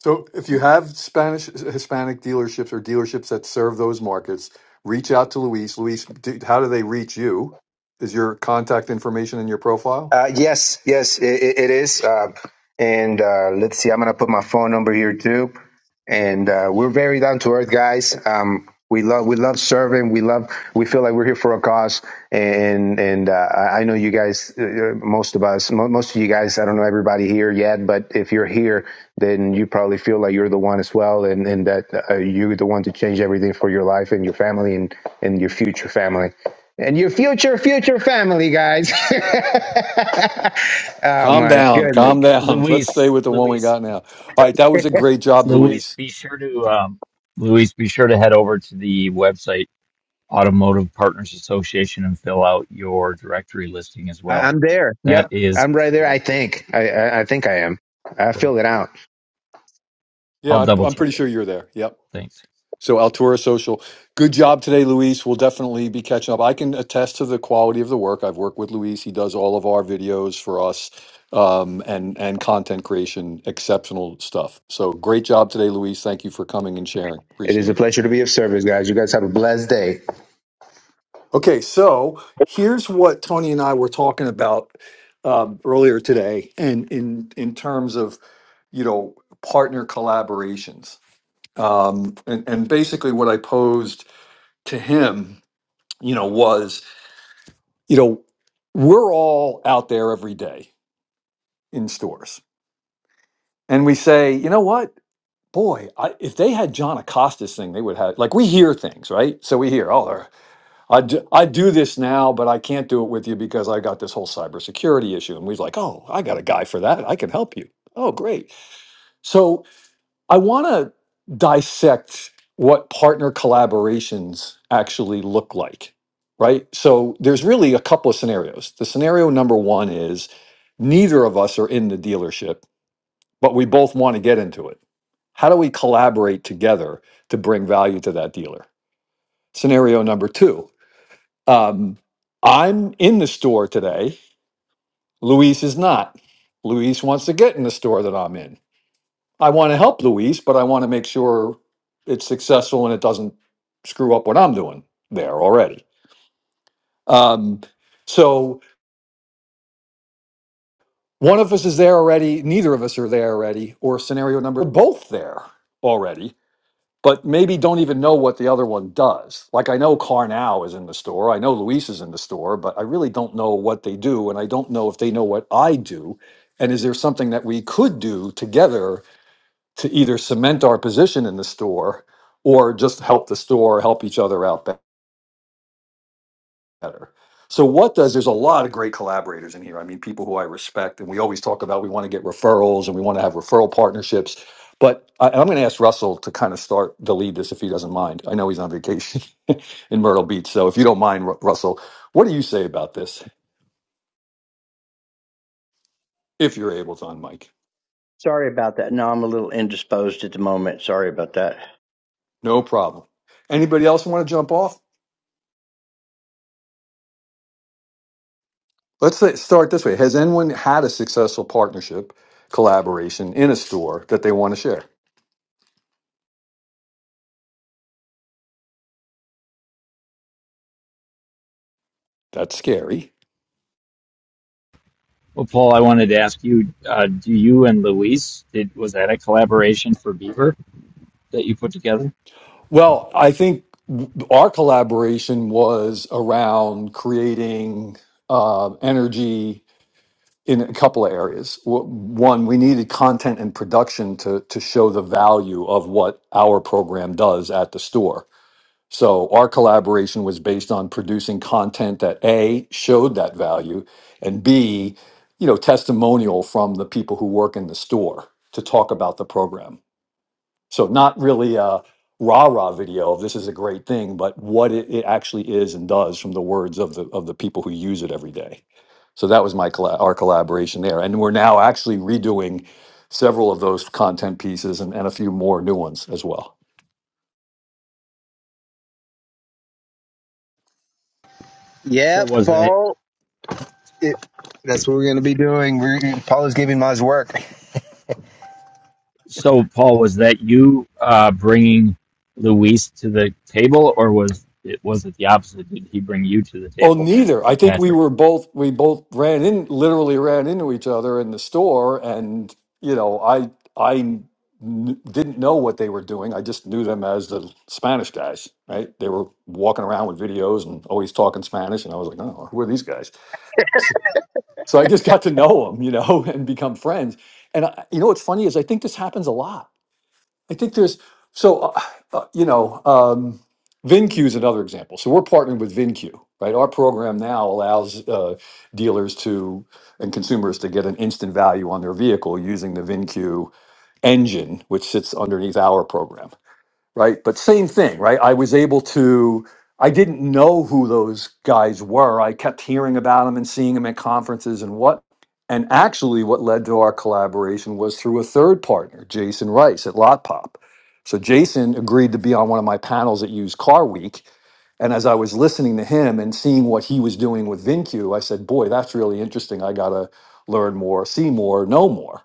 Speaker 2: So if you have Spanish Hispanic dealerships or dealerships that serve those markets, reach out to Luis. Luis, do, how do they reach you? Is your contact information in your profile?
Speaker 7: Uh, yes, yes, it, it it is. Uh, and uh, let's see, I'm gonna put my phone number here too. And uh, we're very down to earth guys. Um, we love we love serving. We love we feel like we're here for a cause. And and uh, I I know you guys, uh, uh, most of us, mo- most of you guys. I don't know everybody here yet, but if you're here, then you probably feel like you're the one as well, and and that uh, you're the one to change everything for your life and your family and and your future family and your future future family guys oh
Speaker 2: Calm
Speaker 7: my
Speaker 2: down,
Speaker 7: goodness
Speaker 2: calm down. Let's
Speaker 1: Luis,
Speaker 2: stay with the one we
Speaker 1: Luis,
Speaker 2: got now. All right, that was a great job,
Speaker 1: Luis,
Speaker 2: Luis.
Speaker 1: be sure to, um, Luis, be sure to head over to the website Automotive Partners Association and fill out your directory listing as
Speaker 7: I,
Speaker 1: well.
Speaker 7: i'm there
Speaker 1: That
Speaker 7: yep
Speaker 1: is
Speaker 7: i'm right there
Speaker 1: free.
Speaker 7: i think I, I i think i am i
Speaker 1: Cool.
Speaker 7: filled it out
Speaker 2: Yeah,
Speaker 1: I'll
Speaker 2: I,
Speaker 1: double
Speaker 2: I'm
Speaker 1: check
Speaker 2: pretty
Speaker 1: it.
Speaker 2: sure you're there. Yep.
Speaker 1: Thanks.
Speaker 2: So Altura Social, good job today, Luis. We'll definitely be catching up. I can attest to the quality of the work. I've worked with Luis. He does all of our videos for us um, and and content creation, exceptional stuff. So great job today, Luis. Thank you for coming and sharing.
Speaker 7: it is a
Speaker 2: Appreciate it.
Speaker 7: pleasure to be of service guys you guys have a blessed day
Speaker 2: Okay, so here's what Tony and I were talking about um, earlier today, and in in terms of you know partner collaborations, um, and and basically what I posed to him, you know, was you know, we're all out there every day in stores and we say, you know what? Boy, I, if they had John Acosta's thing, they would have, like, we hear things, right? So we hear, oh, they're- I do, I do this now, but I can't do it with you because I got this whole cybersecurity issue. And we're like, oh, I got a guy for that. I can help you. Oh, great. So. I want to dissect what partner collaborations actually look like, right? So there's really a couple of scenarios. The scenario number one is neither of us are in the dealership, but we both want to get into it. How do we collaborate together to bring value to that dealer? Scenario number two um, I'm in the store today, Luis is not. Luis wants to get in the store that I'm in. I want to help Luis, but I want to make sure it's successful and it doesn't screw up what I'm doing there already. Um, so one of us is there already, neither of us are there already, or scenario number, we're both there already, but maybe don't even know what the other one does. Like I know Carnow is in the store, I know Luis is in the store, but I really don't know what they do, and I don't know if they know what I do. And is there something that we could do together to either cement our position in the store or just help the store help each other out be- better. So what does there's a lot of great collaborators in here. I mean, people who I respect, and we always talk about we want to get referrals and we want to have referral partnerships. But I, I'm going to ask Russell to kind of start the lead this if he doesn't mind. I know he's on vacation in Myrtle Beach, so if you don't mind, Ru- Russell, what do you say about this if you're able to on Mike?
Speaker 3: Sorry about that. No, I'm a little indisposed at the moment. Sorry about that.
Speaker 2: No problem. Anybody else want to jump off? Let's say- start this way. Has anyone had a successful partnership collaboration in a store that they want to share? That's scary.
Speaker 1: Well, Paul, I wanted to ask you, uh, do you and Luis, did, was that a collaboration for Beaver that you put together?
Speaker 2: Well, I think our collaboration was around creating uh, energy in a couple of areas. W- One, we needed content and production to to show the value of what our program does at the store So our collaboration was based on producing content that A showed that value and B, you know, testimonial from the people who work in the store to talk about the program. So not really a rah-rah video of this is a great thing, but what it, it actually is and does from the words of the of the people who use it every day. So that was my colla- our collaboration there. And we're now actually redoing several of those content pieces and, and a few more new ones as well.
Speaker 1: So
Speaker 7: yep
Speaker 1: was that
Speaker 7: paul it, that's what we're going to be doing we're, paul is giving us work
Speaker 1: So, Paul, was that you uh, bringing Luis to the table, or was it was it the opposite? Did he bring you to the
Speaker 2: Oh,
Speaker 1: table
Speaker 2: neither. I
Speaker 1: for
Speaker 2: think we
Speaker 1: Patrick?
Speaker 2: were both we both ran in literally ran into each other in the store, and you know, I I kn- didn't know what they were doing. I just knew them as the Spanish guys, right? They were walking around with videos and always talking Spanish, and I was like, oh, who are these guys? So I just got to know them, you know, and become friends. And I, you know, what's funny is I think this happens a lot I think there's so uh, uh, you know um, VinQ is another example. So we're partnering with VinQ, right? Our program now allows uh, dealers to and consumers to get an instant value on their vehicle using the VinQ engine, which sits underneath our program right? But same thing, right? I was able to, I didn't know who those guys were. I kept hearing about them and seeing them at conferences and what. And actually, what led to our collaboration was through a third partner, Jason Rice at Lotpop. So Jason agreed to be on one of my panels at Used Car Week. And as I was listening to him and seeing what he was doing with VinQ, I said, boy, that's really interesting. I got to learn more, see more, know more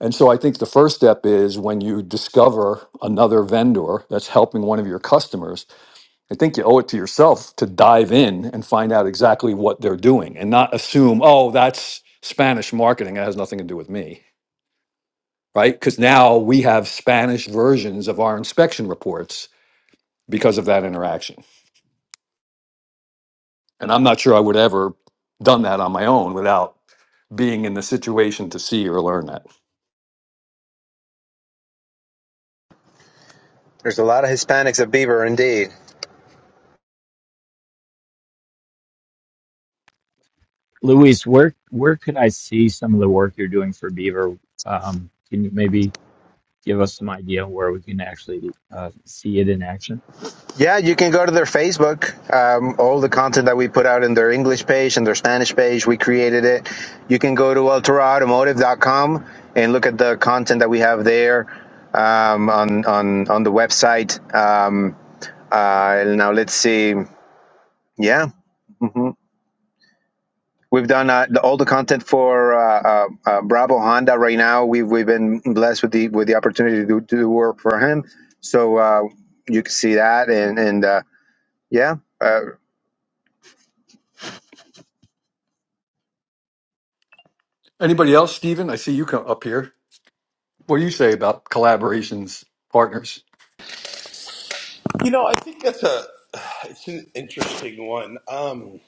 Speaker 2: and so I think the first step is when you discover another vendor that's helping one of your customers, I think you owe it to yourself to dive in and find out exactly what they're doing and not assume, oh, that's Spanish marketing. That has nothing to do with me, right? Because now we have Spanish versions of our inspection reports because of that interaction. And I'm not sure I would ever done that on my own without being in the situation to see or learn that.
Speaker 7: there's a lot of hispanics at beaver indeed
Speaker 1: Luis, where where could I see some of the work you're doing for Beaver? Um, can you maybe give us some idea where we can actually uh, see it in action?
Speaker 7: Yeah, you can go to their Facebook. Um, all the content that we put out in their English page and their Spanish page, we created it. You can go to ultraautomotive.com and look at the content that we have there um, on on on the website. Um, uh, now let's see. Yeah, hmm we've done uh, the, all the content for uh, uh, uh, Bravo Honda right now. We've we've been blessed with the with the opportunity to do, to do work for him. So uh, you can see that and and uh, yeah. Uh,
Speaker 2: Anybody else, Steven? I see you come up here. What do you say about collaborations, partners?
Speaker 9: You know, I think that's a it's an interesting one. Um,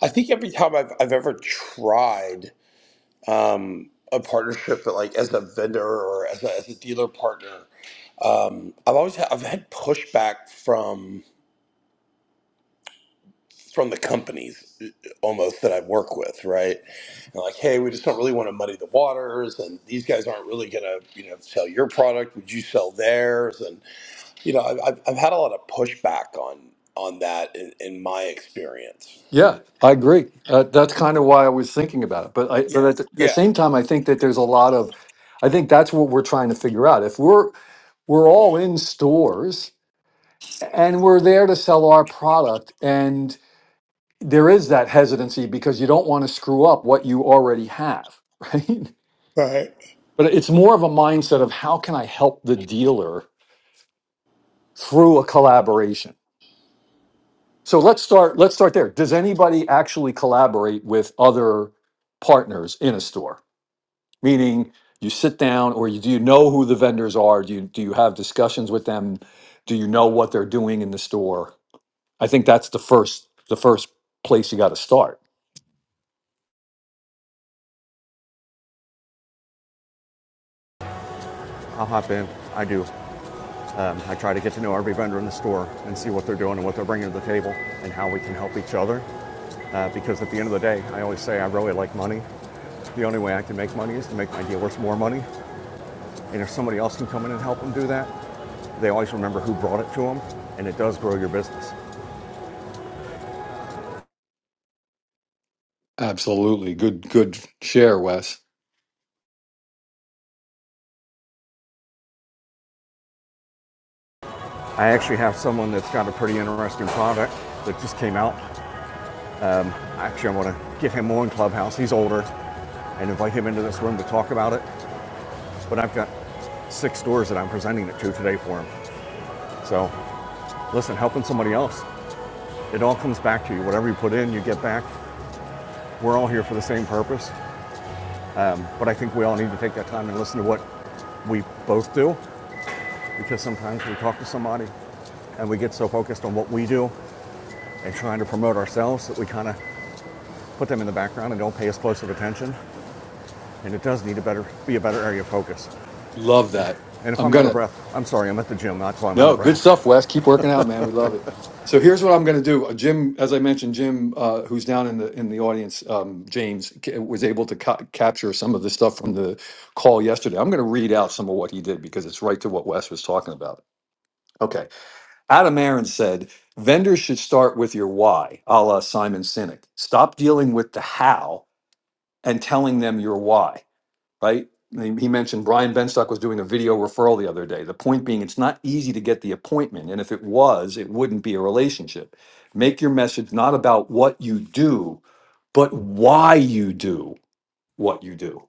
Speaker 9: I think every time I've I've ever tried um, a partnership, but like as a vendor or as a, as a dealer partner, um, I've always had, I've had pushback from from the companies uh, almost that I work with, right? And like, hey, we just don't really want to muddy the waters, and these guys aren't really going to you know sell your product. Would you sell theirs? And you know, I've I've I've had a lot of pushback on on that in, in my experience.
Speaker 2: Yeah, I agree. Uh, that's kind of why I was thinking about it. But I, but Yeah. at the, at the
Speaker 9: Yeah.
Speaker 2: same time, I think that there's a lot of, I think that's what we're trying to figure out. If we're we're all in stores and we're there to sell our product, and there is that hesitancy because you don't want to screw up what you already have, right?
Speaker 9: Right.
Speaker 2: But it's more of a mindset of how can I help the dealer through a collaboration So let's start. Let's start there. Does anybody actually collaborate with other partners in a store? Meaning, you sit down, or you, do you know who the vendors are? Do you do you have discussions with them? Do you know what they're doing in the store? I think that's the first the first place you got to start.
Speaker 10: I'll hop in. I do. Um, I try to get to know every vendor in the store and see what they're doing and what they're bringing to the table and how we can help each other. Uh, because at the end of the day, I always say I really like money. The only way I can make money is to make my dealers more money. And if somebody else can come in and help them do that, they always remember who brought it to them, and it does grow your business.
Speaker 2: Absolutely. Good good share, Wes.
Speaker 10: I actually have someone that's got a pretty interesting product that just came out. Actually, I want to get him on Clubhouse. He's older and invite him into this room to talk about it But I've got six stores that I'm presenting it to today for them. So listen, helping somebody else, it all comes back to you. Whatever you put in, you get back. We're all here for the same purpose. But I think we all need to take that time and listen to what we both do because sometimes we talk to somebody and we get so focused on what we do and trying to promote ourselves that we kind of put them in the background and don't pay as close of attention. And it does need to better be a better area of focus.
Speaker 2: Love that.
Speaker 10: And if
Speaker 2: I'm
Speaker 10: I'm out
Speaker 2: gonna
Speaker 10: of breath, I'm sorry, I'm at the gym, not till I'm out
Speaker 2: No,
Speaker 10: of
Speaker 2: good stuff,
Speaker 10: breath.
Speaker 2: Wes. Keep working out, man. We love it. So here's what I'm going to do. Uh, Jim, as I mentioned, Jim, uh, who's down in the in the audience, um, James ca- was able to ca- capture some of the stuff from the call yesterday. I'm going to read out some of what he did because it's right to what Wes was talking about. Okay, Adam Aaron said vendors should start with your why, a la Simon Sinek. Stop dealing with the how and telling them your why right? He he mentioned Brian Benstock was doing a video referral the other day. The point being, it's not easy to get the appointment. And if it was, it wouldn't be a relationship. Make your message not about what you do, but why you do what you do.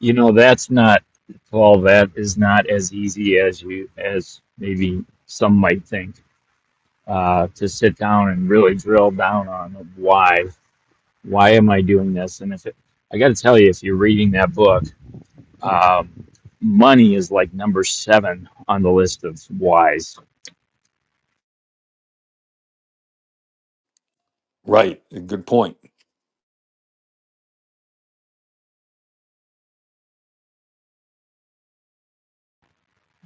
Speaker 1: You know, that's not Paul. That is not as easy as you as maybe some might think uh, to sit down and really drill down on why why am I doing this? And if it, I got to tell you, if you're reading that book, um, money is like number seven on the list of whys.
Speaker 2: Right. Good point.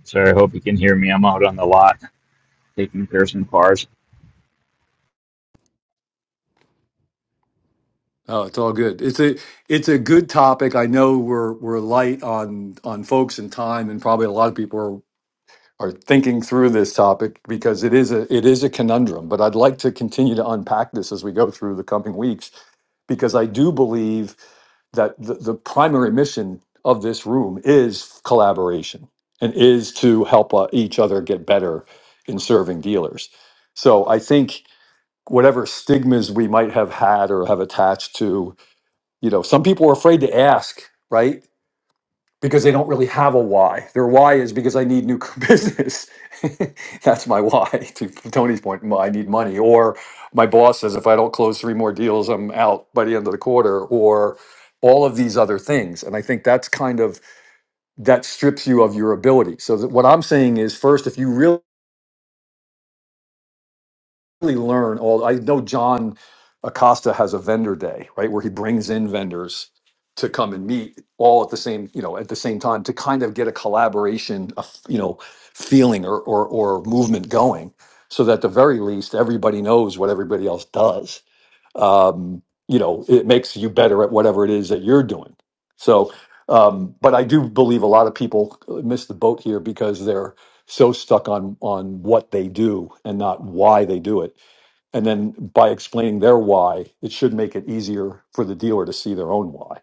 Speaker 1: So I hope you can hear me. I'm out on the lot taking Pearson cars.
Speaker 2: Oh, it's all good. It's a it's a good topic. I know we're we're light on on folks and time, and probably a lot of people are thinking through this topic because it is a it is a conundrum but i'd like to continue to unpack this as we go through the coming weeks because i do believe that the, the primary mission of this room is collaboration and is to help uh, each other get better in serving dealers. So I think whatever stigmas we might have had or have attached to, you know, some people are afraid to ask, right? because they don't really have a why. Their why is because I need new business. That's my why. To Tony's point, m- I need money. Or my boss says if I don't close three more deals, I'm out by the end of the quarter. Or all of these other things. And I think that's kind of that strips you of your ability. So that what I'm saying is, first, if you really really learn all i know john acosta has a vendor day right where he brings in vendors to come and meet all at the same you know at the same time to kind of get a collaboration a f- you know feeling or, or or movement going so that at the very least everybody knows what everybody else does um you know it makes you better at whatever it is that you're doing so um but i do believe a lot of people uh, miss the boat here because they're so stuck on on what they do and not why they do it and then by explaining their why, it should make it easier for the dealer to see their own why.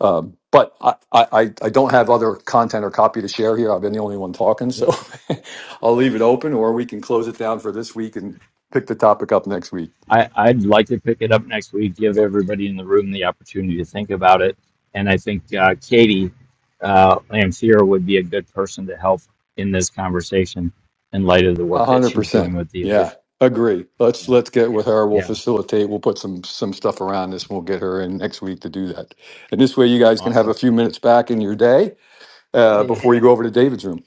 Speaker 2: Um, but I, I, I don't have other content or copy to share here. I've been the only one talking, so I'll leave it open, or we can close it down for this week and pick the topic up next week.
Speaker 1: I, I'd like to pick it up next week, give everybody in the room the opportunity to think about it. And I think uh, Katie uh, Lamphere would be a good person to help in this conversation in light of the
Speaker 2: A
Speaker 1: work that
Speaker 2: hundred
Speaker 1: she's doing
Speaker 2: percent.
Speaker 1: with
Speaker 2: Yeah,
Speaker 1: dealers.
Speaker 2: agree. Let's
Speaker 1: Yeah.
Speaker 2: let's get with her. We'll
Speaker 1: Yeah.
Speaker 2: facilitate. We'll put some some stuff around this. We'll get her in next week to do that. And this way, you guys can have
Speaker 1: Awesome.
Speaker 2: a few minutes back in your day
Speaker 1: Yeah.
Speaker 2: uh,
Speaker 1: Yeah.
Speaker 2: before you go over to David's room.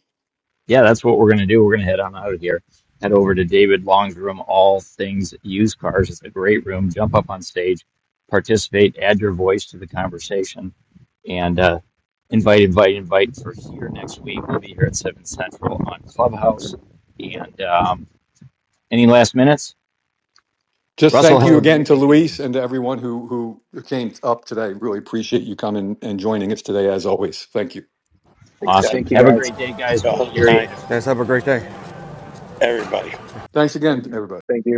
Speaker 1: yeah, that's what we're gonna do. We're gonna head on out of here. Head over to David Long's room, All Things Used Cars. It's a great room. Jump up on stage, participate, add your voice to the conversation, and uh, invite, invite, invite for here next week. We'll be here at seven central on Clubhouse. And um, any last minutes?
Speaker 2: Just
Speaker 1: Russell,
Speaker 2: thank
Speaker 1: have
Speaker 2: you
Speaker 1: a
Speaker 2: again
Speaker 1: great
Speaker 2: to Luis
Speaker 1: vacation.
Speaker 2: and to everyone who who came up today. Really appreciate you coming and joining us today, as always. Thank you.
Speaker 1: Awesome.
Speaker 7: Thank you
Speaker 1: Have a
Speaker 7: guys.
Speaker 1: great day, guys.
Speaker 9: Y'all have
Speaker 1: We'll
Speaker 9: a good
Speaker 1: hear you
Speaker 9: night,
Speaker 1: next week.
Speaker 10: Guys, have a great day.
Speaker 1: Yep.
Speaker 9: everybody.
Speaker 2: Thanks again, everybody.
Speaker 7: Thank you.